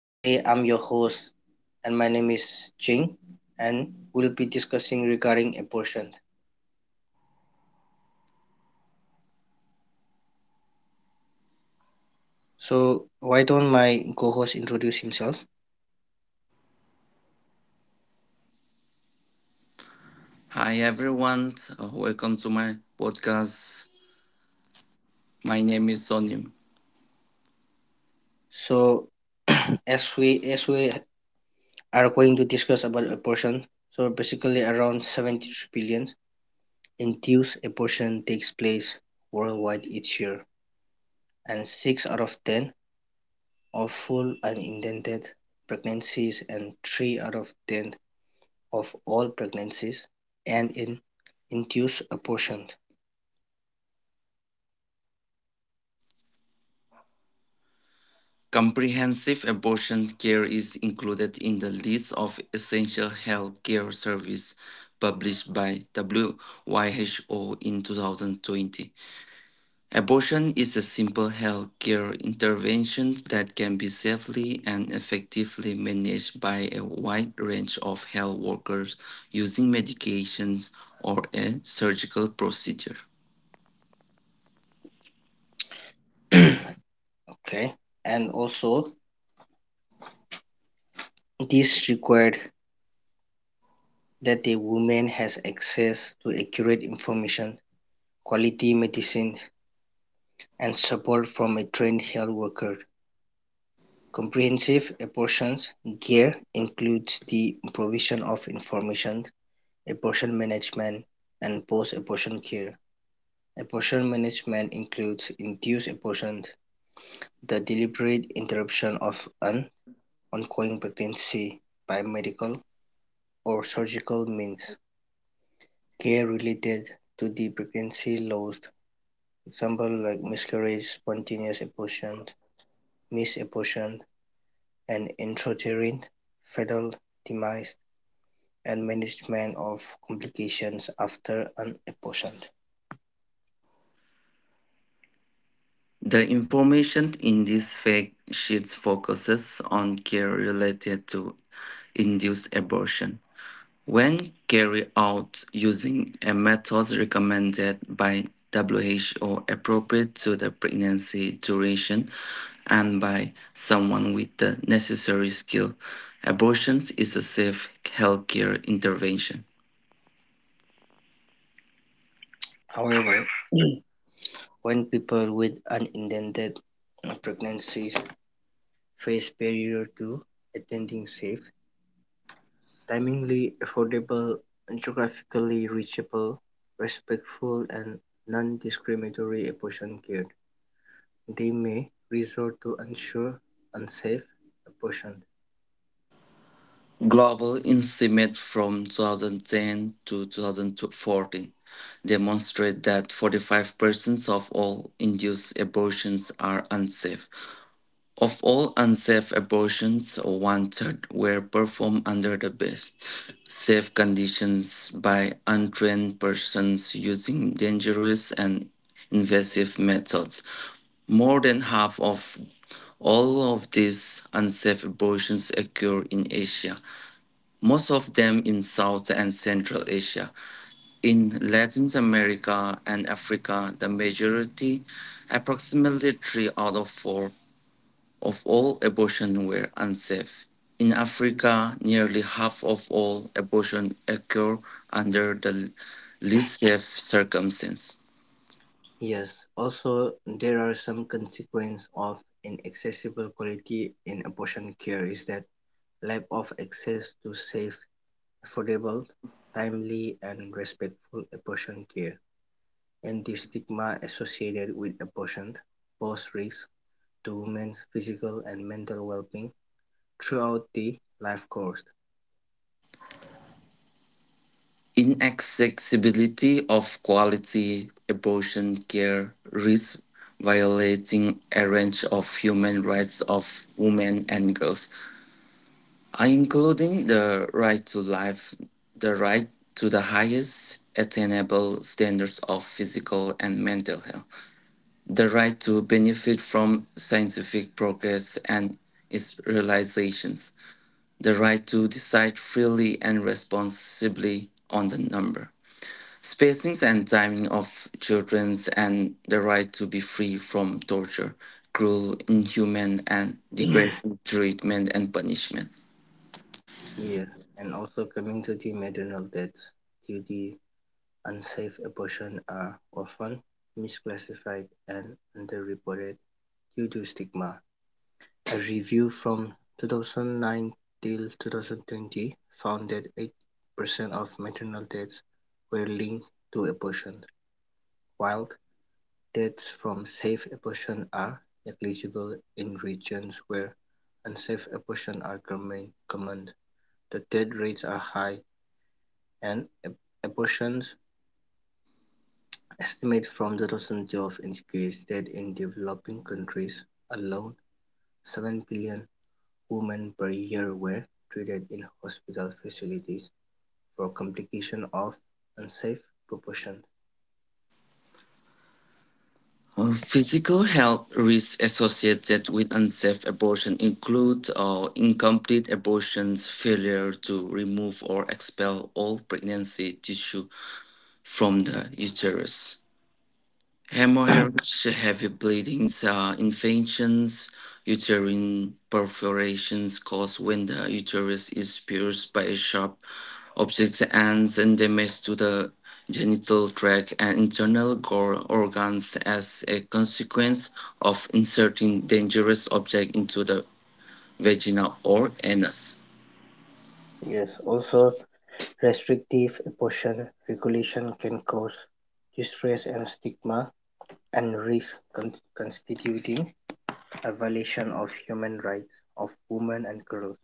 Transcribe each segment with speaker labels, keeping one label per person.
Speaker 1: Today I'm your host and my name is Jing and we'll be discussing regarding abortion. So why don't my co-host introduce himself?
Speaker 2: Hi everyone, welcome to my podcast. My name is Sonim.
Speaker 1: So as we are going to discuss about abortion, so basically around 73 billion induced abortion takes place worldwide each year and 6 out of 10 of full unintended pregnancies and 3 out of 10 of all pregnancies and in induce abortion.
Speaker 2: Comprehensive abortion care is included in the list of essential health care service published by WHO in 2020. Abortion is a simple health care intervention that can be safely and effectively managed by a wide range of health workers using medications or a surgical procedure.
Speaker 1: Okay. And also, this required that a woman has access to accurate information, quality medicine, and support from a trained health worker. Comprehensive abortion care includes the provision of information, abortion management, and post abortion care. Abortion management includes induced abortion, the deliberate interruption of an ongoing pregnancy by medical or surgical means, care related to the pregnancy loss, examples like miscarriage, spontaneous abortion, mis-abortion, and intrauterine fetal demise, and management of complications after an abortion.
Speaker 2: The information in these fact sheets focuses on care related to induced abortion. When carried out using a method recommended by WHO, appropriate to the pregnancy duration and by someone with the necessary skill, abortion is a safe healthcare intervention.
Speaker 1: However, when people with unintended pregnancies face barrier to attending safe, timely, affordable, geographically reachable, respectful and non-discriminatory abortion care, they may resort to ensure unsafe abortion.
Speaker 2: Global estimates from 2010 to 2014 demonstrate that 45% of all induced abortions are unsafe. Of all unsafe abortions, one third were performed under the best safe conditions by untrained persons using dangerous and invasive methods. More than half of all of these unsafe abortions occur in Asia, most of them in South and Central Asia. In Latin America and Africa, the majority, approximately three out of four, of all abortions were unsafe. In Africa, nearly half of all abortions occur under the least safe circumstances.
Speaker 1: Yes, also there are some consequences of inaccessible quality in abortion care is that lack of access to safe, affordable, timely and respectful abortion care and the stigma associated with abortion pose risks to women's physical and mental well-being throughout the life course.
Speaker 2: Inaccessibility of quality abortion care risks violating a range of human rights of women and girls, including the right to life, the right to the highest attainable standards of physical and mental health, the right to benefit from scientific progress and its realizations, the right to decide freely and responsibly on the number, spacings and timing of children's, and the right to be free from torture, cruel, inhuman, and degrading treatment and punishment.
Speaker 1: Yes, and also community maternal deaths due to unsafe abortion are often misclassified and underreported due to stigma. A review from 2009 till 2020 found that 8% of maternal deaths were linked to abortion, while deaths from safe abortion are negligible. In regions where unsafe abortions are common, the death rates are high, and abortions estimated from 2012 indicates that in developing countries alone, 7 billion women per year were treated in hospital facilities for complications of unsafe abortion.
Speaker 2: Physical health risks associated with unsafe abortion include incomplete abortions, failure to remove or expel all pregnancy tissue from the uterus. Hemorrhages, heavy bleedings, infections, uterine perforations caused when the uterus is pierced by sharp objects and then damage to the genital tract and internal gore organs as a consequence of inserting dangerous object into the vagina or anus.
Speaker 1: Yes, also restrictive abortion regulation can cause distress and stigma, and risk constituting a violation of human rights of women and girls,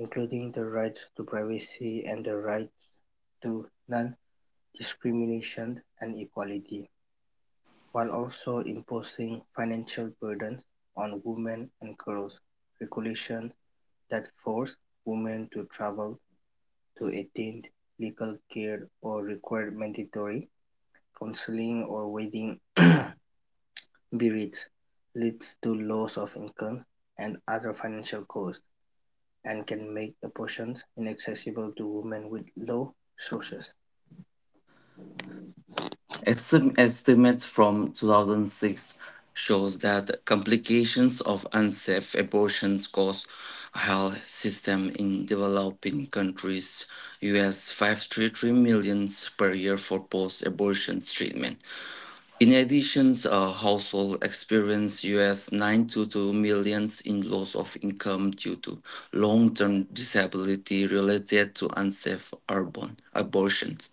Speaker 1: including the rights to privacy and the right to non-discrimination and equality, while also imposing financial burdens on women and girls. Regulations that force women to travel to attain legal care or require mandatory counseling or wedding burials leads to loss of income and other financial costs, and can make abortions inaccessible to women with low resources.
Speaker 2: Estimates from 2006 shows that complications of unsafe abortions cause health system in developing countries US 533 millions per year for post-abortion treatment. In addition, household experience US 922 millions in loss of income due to long-term disability related to unsafe urban abortions.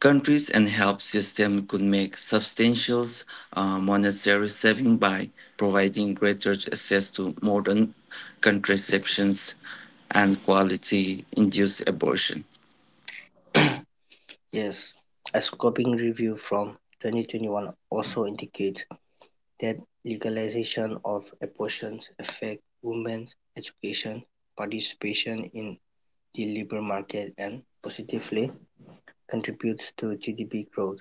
Speaker 2: Countries and health systems could make substantial monetary savings by providing greater access to modern contraceptions and quality induced abortion.
Speaker 1: Yes, a scoping review from 2021 also indicates that legalization of abortions affect women's education, participation in the labor market, and positively contributes to GDP growth.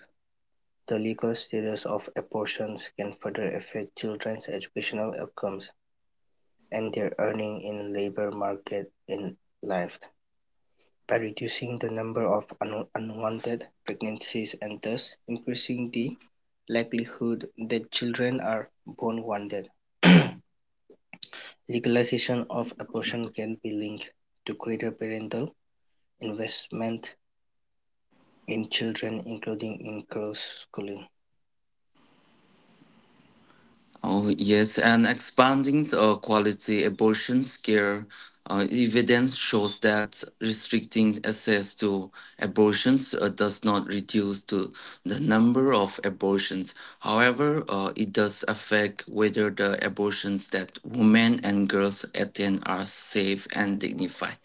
Speaker 1: The legal status of abortions can further affect children's educational outcomes and their earning in labor market in life by reducing the number of unwanted pregnancies and thus increasing the likelihood that children are born wanted. Legalization of abortion can be linked to greater parental investment in children, including in girls' schooling.
Speaker 2: Oh, yes, and expanding quality abortion care evidence shows that restricting access to abortions does not reduce to the number of abortions. However, it does affect whether the abortions that women and girls attend are safe and dignified.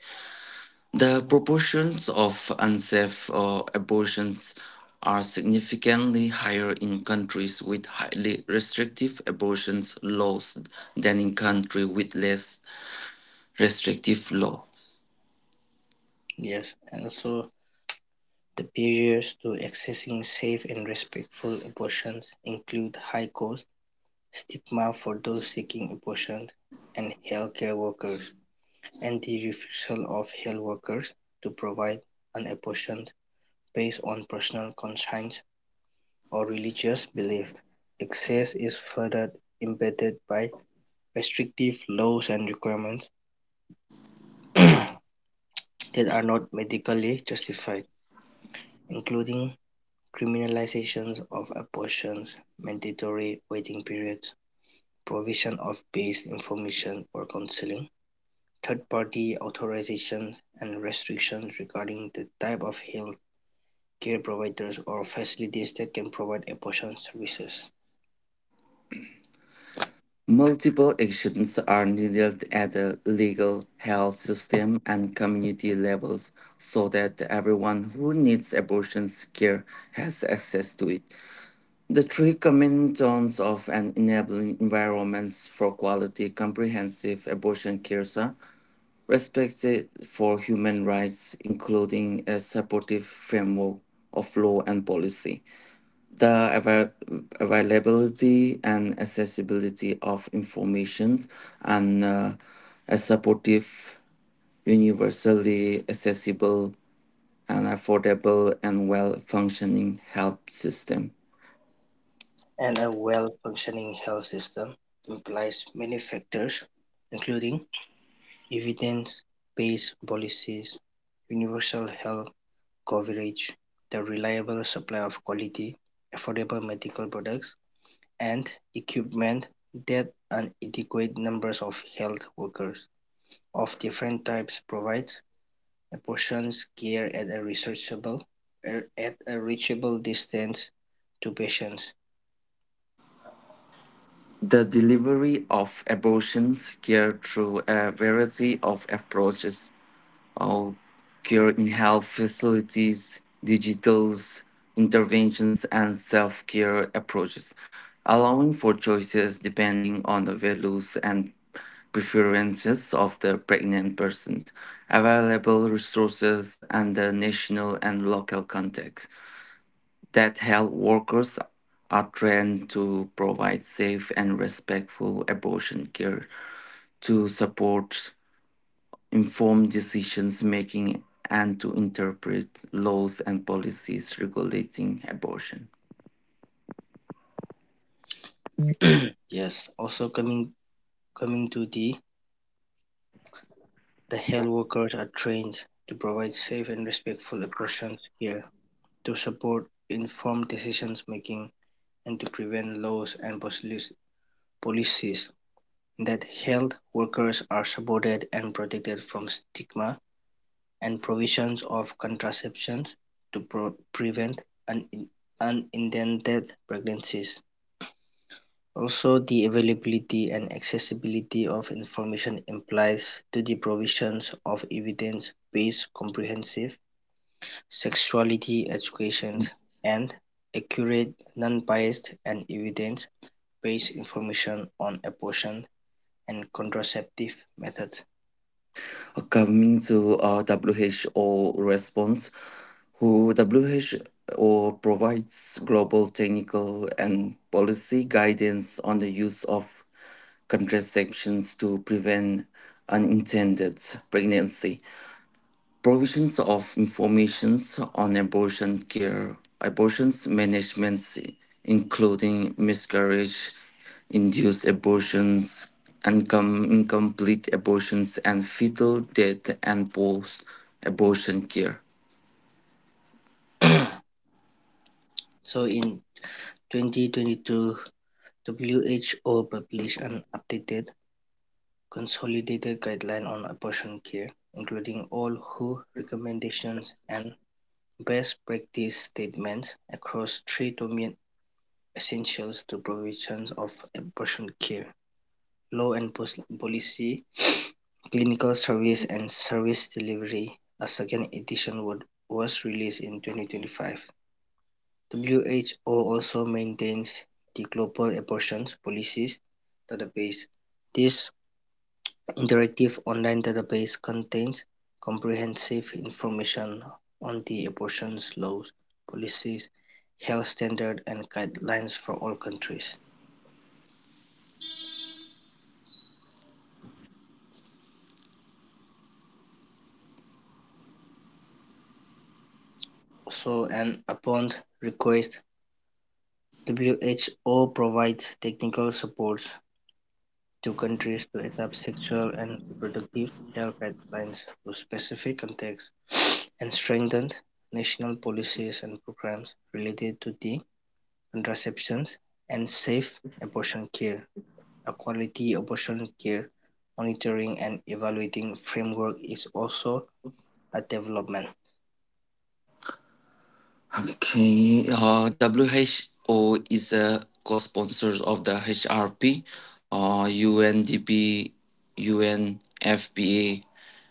Speaker 2: The proportions of unsafe abortions are significantly higher in countries with highly restrictive abortion laws than in countries with less restrictive laws.
Speaker 1: Yes, and also the barriers to accessing safe and respectful abortions include high costs, stigma for those seeking abortion and healthcare workers, and the refusal of health workers to provide an abortion based on personal conscience or religious belief. Access is further impeded by restrictive laws and requirements that are not medically justified, including criminalizations of abortions, mandatory waiting periods, provision of base information or counseling, third-party authorizations, and restrictions regarding the type of health care providers or facilities that can provide abortion services,
Speaker 2: Multiple actions are needed at the legal, health system, and community levels so that everyone who needs abortion care has access to it. The three common zones of and enabling environments for quality comprehensive abortion care are respected for human rights, including a supportive framework of law and policy, the availability and accessibility of information, and a supportive, universally accessible and affordable and well functioning health system.
Speaker 1: and a well-functioning health system implies many factors, including evidence-based policies, universal health coverage, the reliable supply of quality, affordable medical products and equipment that an adequate numbers of health workers of different types provides apportions care at a researchable at a reachable distance to patients.
Speaker 2: The delivery of abortions care through a variety of approaches or care in health facilities, digital interventions, and self care approaches, allowing for choices depending on the values and preferences of the pregnant persons, available resources, and the national and local context that health workers are trained to provide safe and respectful abortion care, to support informed decisions making, and to interpret laws and policies regulating abortion.
Speaker 1: Yes, also coming to the health workers are trained to provide safe and respectful approaches care to support informed decisions making and to prevent laws and policies that health workers are supported and protected from stigma and provisions of contraceptions to pro prevent un unintended pregnancies. Also, the availability and accessibility of information implies to the provisions of evidence-based comprehensive sexuality education and accurate, non-biased, and evidence based information on abortion and contraceptive methods.
Speaker 2: Coming to WHO response, WHO provides global technical and policy guidance on the use of contraceptions to prevent unintended pregnancy provisions of information on abortion care, abortion management, including miscarriage, induced abortions, incomplete abortions, and fetal death and post abortion care.
Speaker 1: So in 2022, WHO published an updated consolidated guideline on abortion care, including all WHO recommendations and best practice statements across three domain essentials to provisions of abortion care: law and policy, clinical service, and service delivery. A second edition was released in 2025. WHO also maintains the Global Abortion Policies database; this interactive online database contains comprehensive information on the abortion laws, policies, health standards and guidelines for all countries. So and upon request, WHO provides technical support Two countries to adapt sexual and reproductive health guidelines to specific contexts, and strengthened national policies and programs related to the contraceptions and safe abortion care. A quality abortion care monitoring and evaluating framework is also a development.
Speaker 2: Okay, WHO is a co sponsor of the HRP, UNDP, UNFPA,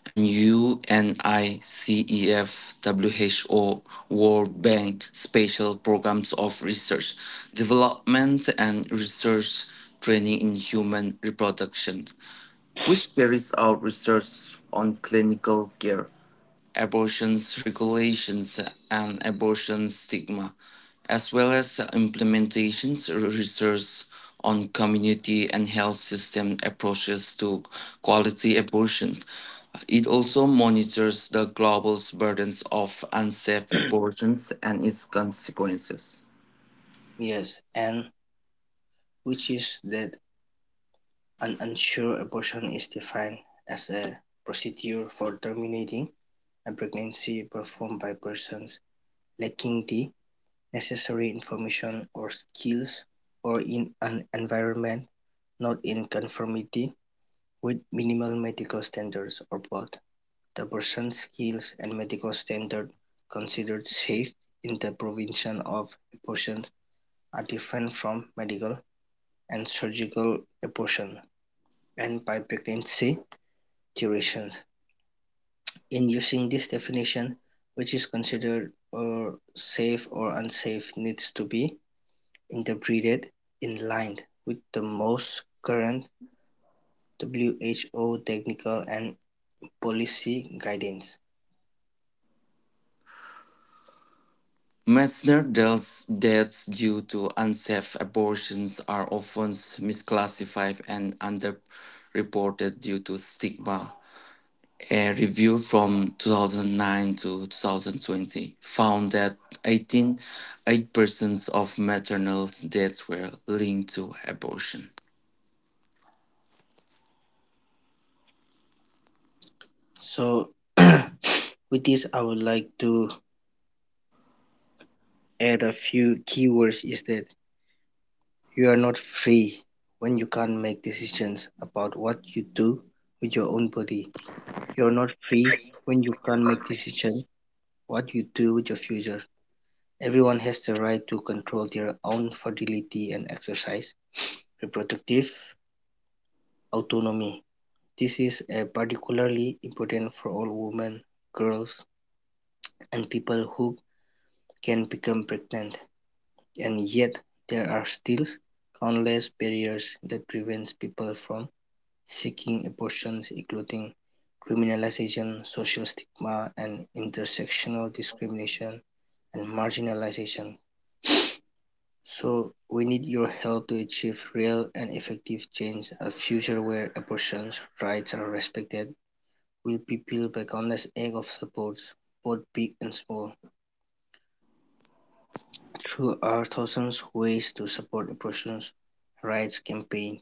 Speaker 2: and UNICEF, WHO, World Bank special programs of research, development, and research training in human reproduction, which carries out research on clinical care abortion regulations and abortion stigma, as well as implementations research on community and health system approaches to quality abortion. It also monitors the global burdens of unsafe abortions and its consequences.
Speaker 1: Yes, and which is that an unsure abortion is defined as a procedure for terminating a pregnancy performed by persons lacking the necessary information or skills, or in an environment not in conformity with minimal medical standards or both. The person's skills and medical standards considered safe in the provision of abortion are different from medical and surgical abortion and by pregnancy duration. In using this definition, which is considered or safe or unsafe needs to be interpreted in line with the most current WHO technical and policy guidance.
Speaker 2: Maternal deaths, deaths due to unsafe abortions are often misclassified and underreported due to stigma. A review from 2009 to 2020 found that 18.8% of maternal deaths were linked to abortion.
Speaker 1: So with this I would like to add a few keywords is that you are not free when you can't make decisions about what you do with your own body. You are not free when you can't make decisions what you do with your future. Everyone has the right to control their own fertility and exercise reproductive autonomy. This is particularly important for all women, girls, and people who can become pregnant, and yet there are still countless barriers that prevent people from seeking abortions including criminalization, social stigma, and intersectional discrimination and marginalization. So we need your help to achieve real and effective change, a future where abortion rights are respected will be peeled back unless egg of supports, both big and small. There are thousands of ways to support abortion rights campaign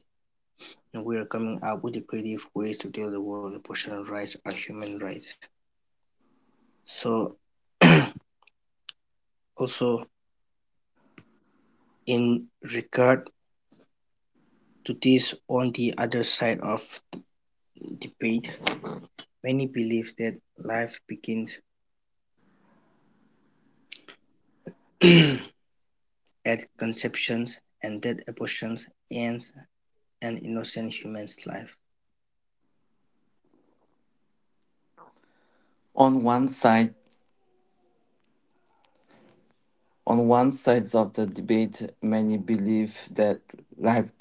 Speaker 1: and we are coming up with creative ways to tell the world abortion rights are human rights. So also in regard to this on the other side of debate, many believe that life begins at conception and that abortion ends an innocent human's life.
Speaker 2: On one side, on one side of the debate, many believe that life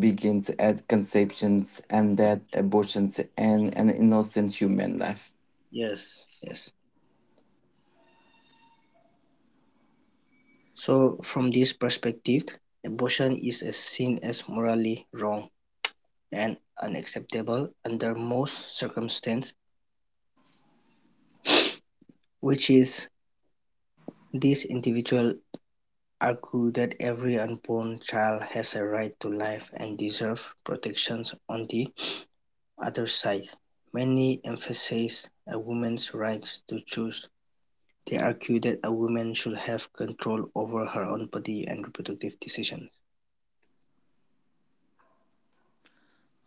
Speaker 2: begins at conception and that abortions end an innocent human life.
Speaker 1: Yes, yes. So from this perspective, abortion is seen as morally wrong and unacceptable under most circumstances, which is these individuals argue that every unborn child has a right to life and deserve protections on the other side. Many emphasize a woman's rights to choose. They argue that a woman should have control over her own body and reproductive decisions.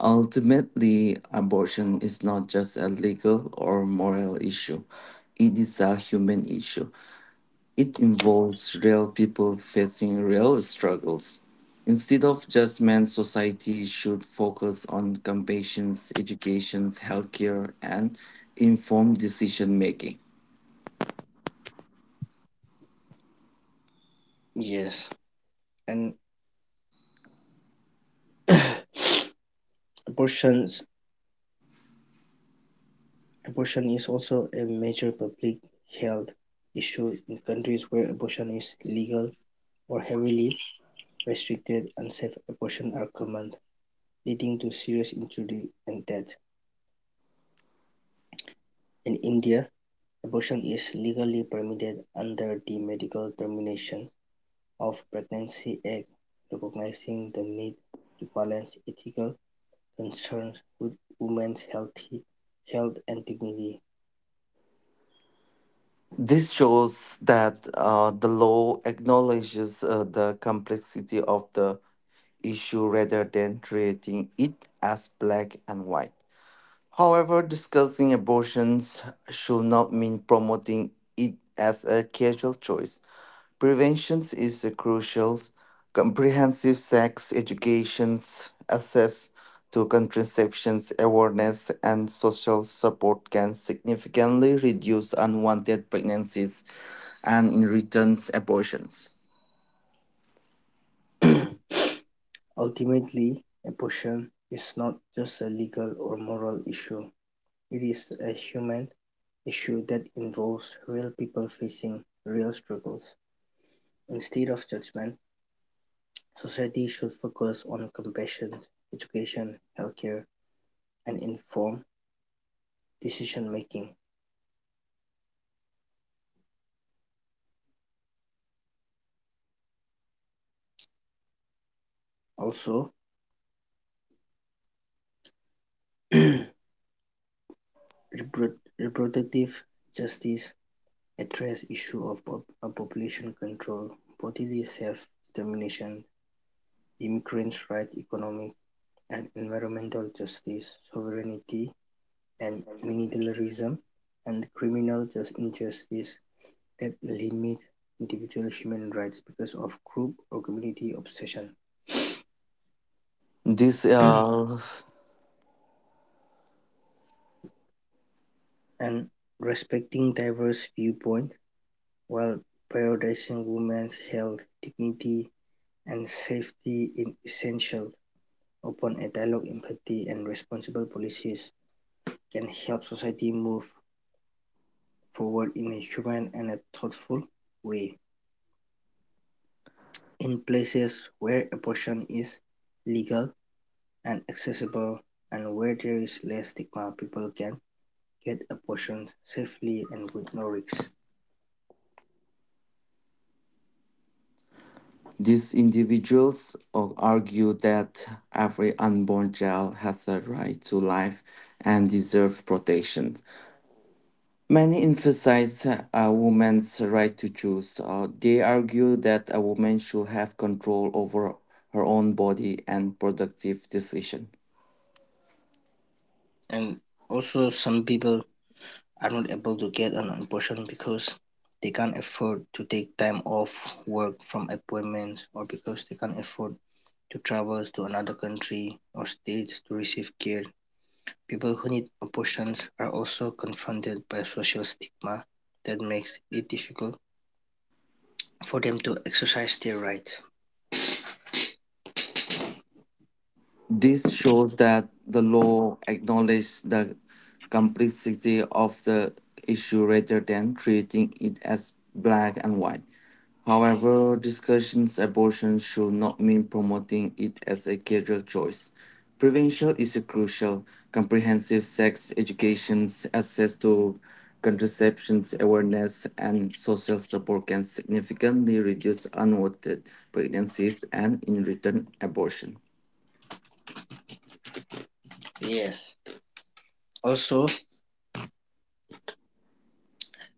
Speaker 2: Ultimately, abortion is not just a legal or moral issue, it is a human issue. It involves real people facing real struggles. Instead of judgment, society should focus on compassion, education, healthcare, and informed decision making.
Speaker 1: Yes, and Abortions Abortion is also a major public health issue in countries where abortion is legal or heavily restricted. Unsafe abortions are common, leading to serious injury and death. In India, abortion is legally permitted under the Medical Termination of Pregnancy Act, recognizing the need to balance ethical concerns with women's healthy health and dignity.
Speaker 2: This shows that the law acknowledges the complexity of the issue rather than treating it as black and white. However, discussing abortions should not mean promoting it as a casual choice. Prevention is a crucial. Comprehensive sex education, access to contraception awareness, and social support can significantly reduce unwanted pregnancies and, in return, abortions.
Speaker 1: Ultimately, abortion is not just a legal or moral issue, it is a human issue that involves real people facing real struggles. Instead of judgment, society should focus on compassion, education, healthcare, and informed decision making. Also, reproductive justice addresses issue of population control, bodily self-determination, immigrants' right, economic and environmental justice, sovereignty and militarism, and criminal injustice that limit individual human rights because of group or community obsession,
Speaker 2: This
Speaker 1: and respecting diverse viewpoints while prioritizing women's health, dignity, and safety is essential. Upon a dialogue, empathy, and responsible policies can help society move forward in a human and a thoughtful way. In places where abortion is legal and accessible and where there is less stigma, people can get abortions safely and with no risks.
Speaker 2: These individuals argue that every unborn child has a right to life and deserves protection. Many emphasize a woman's right to choose. They argue that a woman should have control over her own body and productive decision.
Speaker 1: And also, some people are not able to get an abortion because they can't afford to take time off work from appointments or because they can't afford to travel to another country or state to receive care. People who need abortions are also confronted by social stigma that makes it difficult for them to exercise their rights.
Speaker 2: This shows that the law acknowledged the complexity of the issue rather than treating it as black and white. However, discussions abortion should not mean promoting it as a career choice. Prevention is crucial. Comprehensive sex education, access to contraceptions awareness, and social support can significantly reduce unwanted pregnancies and, in return, abortion.
Speaker 1: Yes. Also,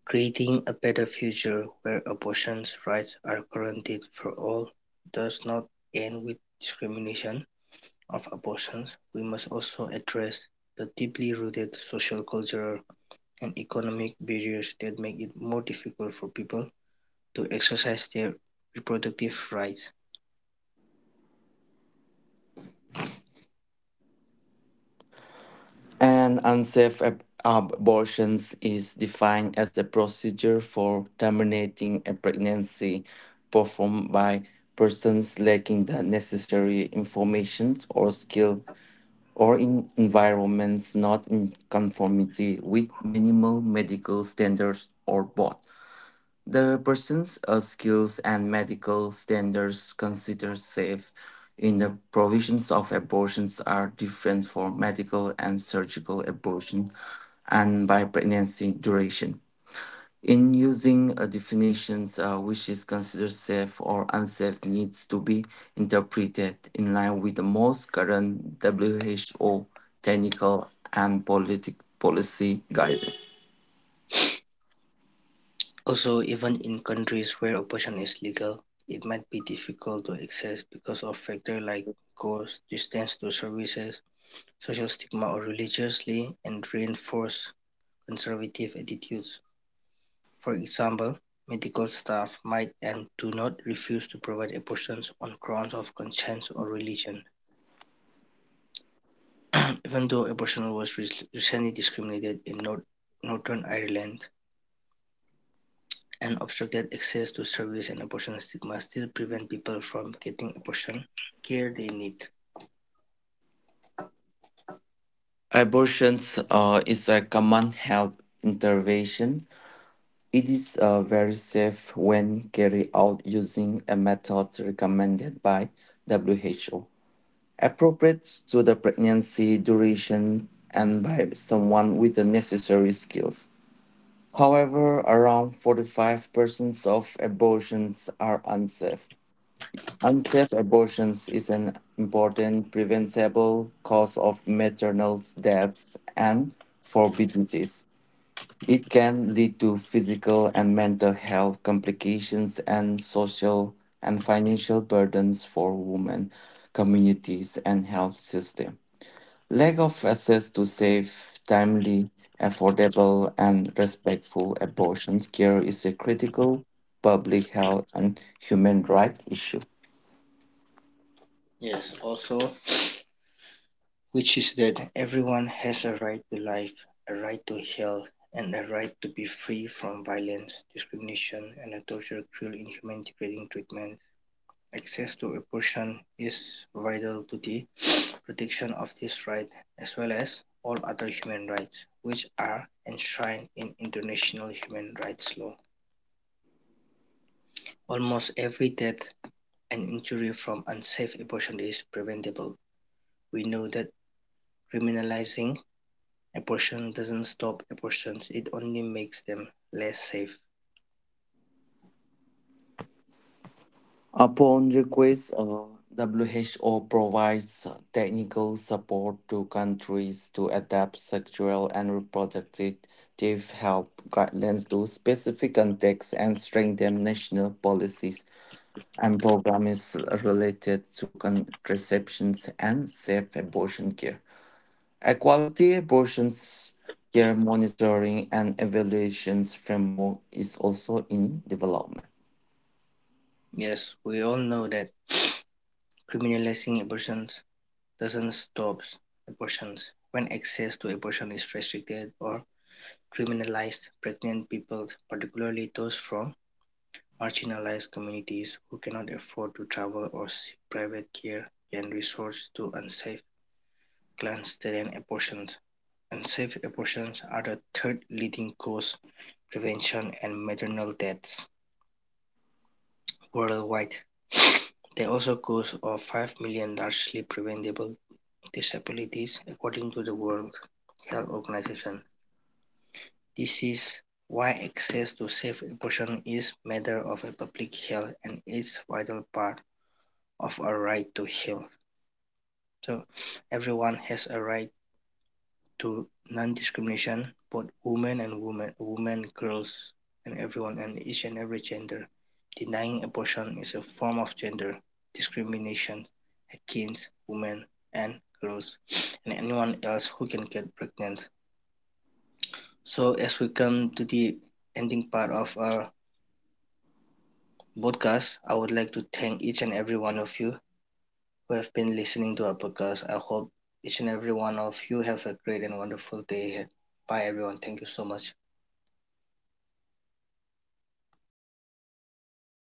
Speaker 1: creating a better future where abortion rights are guaranteed for all does not end with discrimination of abortions. We must also address the deeply rooted social, cultural, and economic barriers that make it more difficult for people to exercise their reproductive rights.
Speaker 2: And unsafe abortions is defined as a procedure for terminating a pregnancy performed by persons lacking the necessary information or skill or in environments not in conformity with minimal medical standards or both. The persons skills and medical standards considered safe in the provisions of abortions are different for medical and surgical abortion and by pregnancy duration. In using definitions, which is considered safe or unsafe needs to be interpreted in line with the most current WHO technical and politic policy guidance.
Speaker 1: Also, even in countries where abortion is legal, it might be difficult to access because of factors like cost, distance to services, social stigma or religiously and reinforced conservative attitudes. For example, medical staff might and do not refuse to provide abortions on grounds of conscience or religion. Even though abortion was recently discriminated in Northern Ireland, and obstructed access to service and abortion stigma still prevent people from getting abortion care they need.
Speaker 2: Abortions is a common health intervention. It is very safe when carried out using a method recommended by WHO, appropriate to the pregnancy duration and by someone with the necessary skills. However, around 45% of abortions are unsafe. Unsafe abortions is an important preventable cause of maternal deaths and morbidities. It can lead to physical and mental health complications and social and financial burdens for women, communities, and health system. Lack of access to safe, timely, affordable, and respectful abortion care is a critical public health and human rights issue.
Speaker 1: Yes, also, which is that everyone has a right to life, a right to health, and a right to be free from violence, discrimination, and a torture, cruel, inhuman, degrading treatment. Access to abortion is vital to the protection of this right as well as all other human rights, which are enshrined in international human rights law. Almost every death and injury from unsafe abortion is preventable. We know that criminalizing abortion doesn't stop abortions, it only makes them less safe.
Speaker 2: Upon request, WHO provides technical support to countries to adapt sexual and reproductive health guidelines to specific contexts and strengthen national policies and programs related to contraceptions and safe abortion care. Equality abortions care monitoring and evaluations framework is also in development.
Speaker 1: Yes, we all know that criminalizing abortions doesn't stop abortions. When access to abortion is restricted or criminalized, pregnant people, particularly those from marginalized communities who cannot afford to travel or seek private care, can resort to unsafe clandestine abortions. Unsafe abortions are the third leading cause of prevention and maternal deaths worldwide. They also cause of 5 million largely preventable disabilities according to the World Health Organization. This is why access to safe abortion is a matter of a public health and is a vital part of our right to health. So everyone has a right to non-discrimination, both women and women, women, girls and everyone and each and every gender. Denying abortion is a form of gender discrimination against women and girls and anyone else who can get pregnant. So as we come to the ending part of our podcast, I would like to thank each and every one of you who have been listening to our podcast. I hope each and every one of you have a great and wonderful day ahead. Bye everyone. Thank you so much.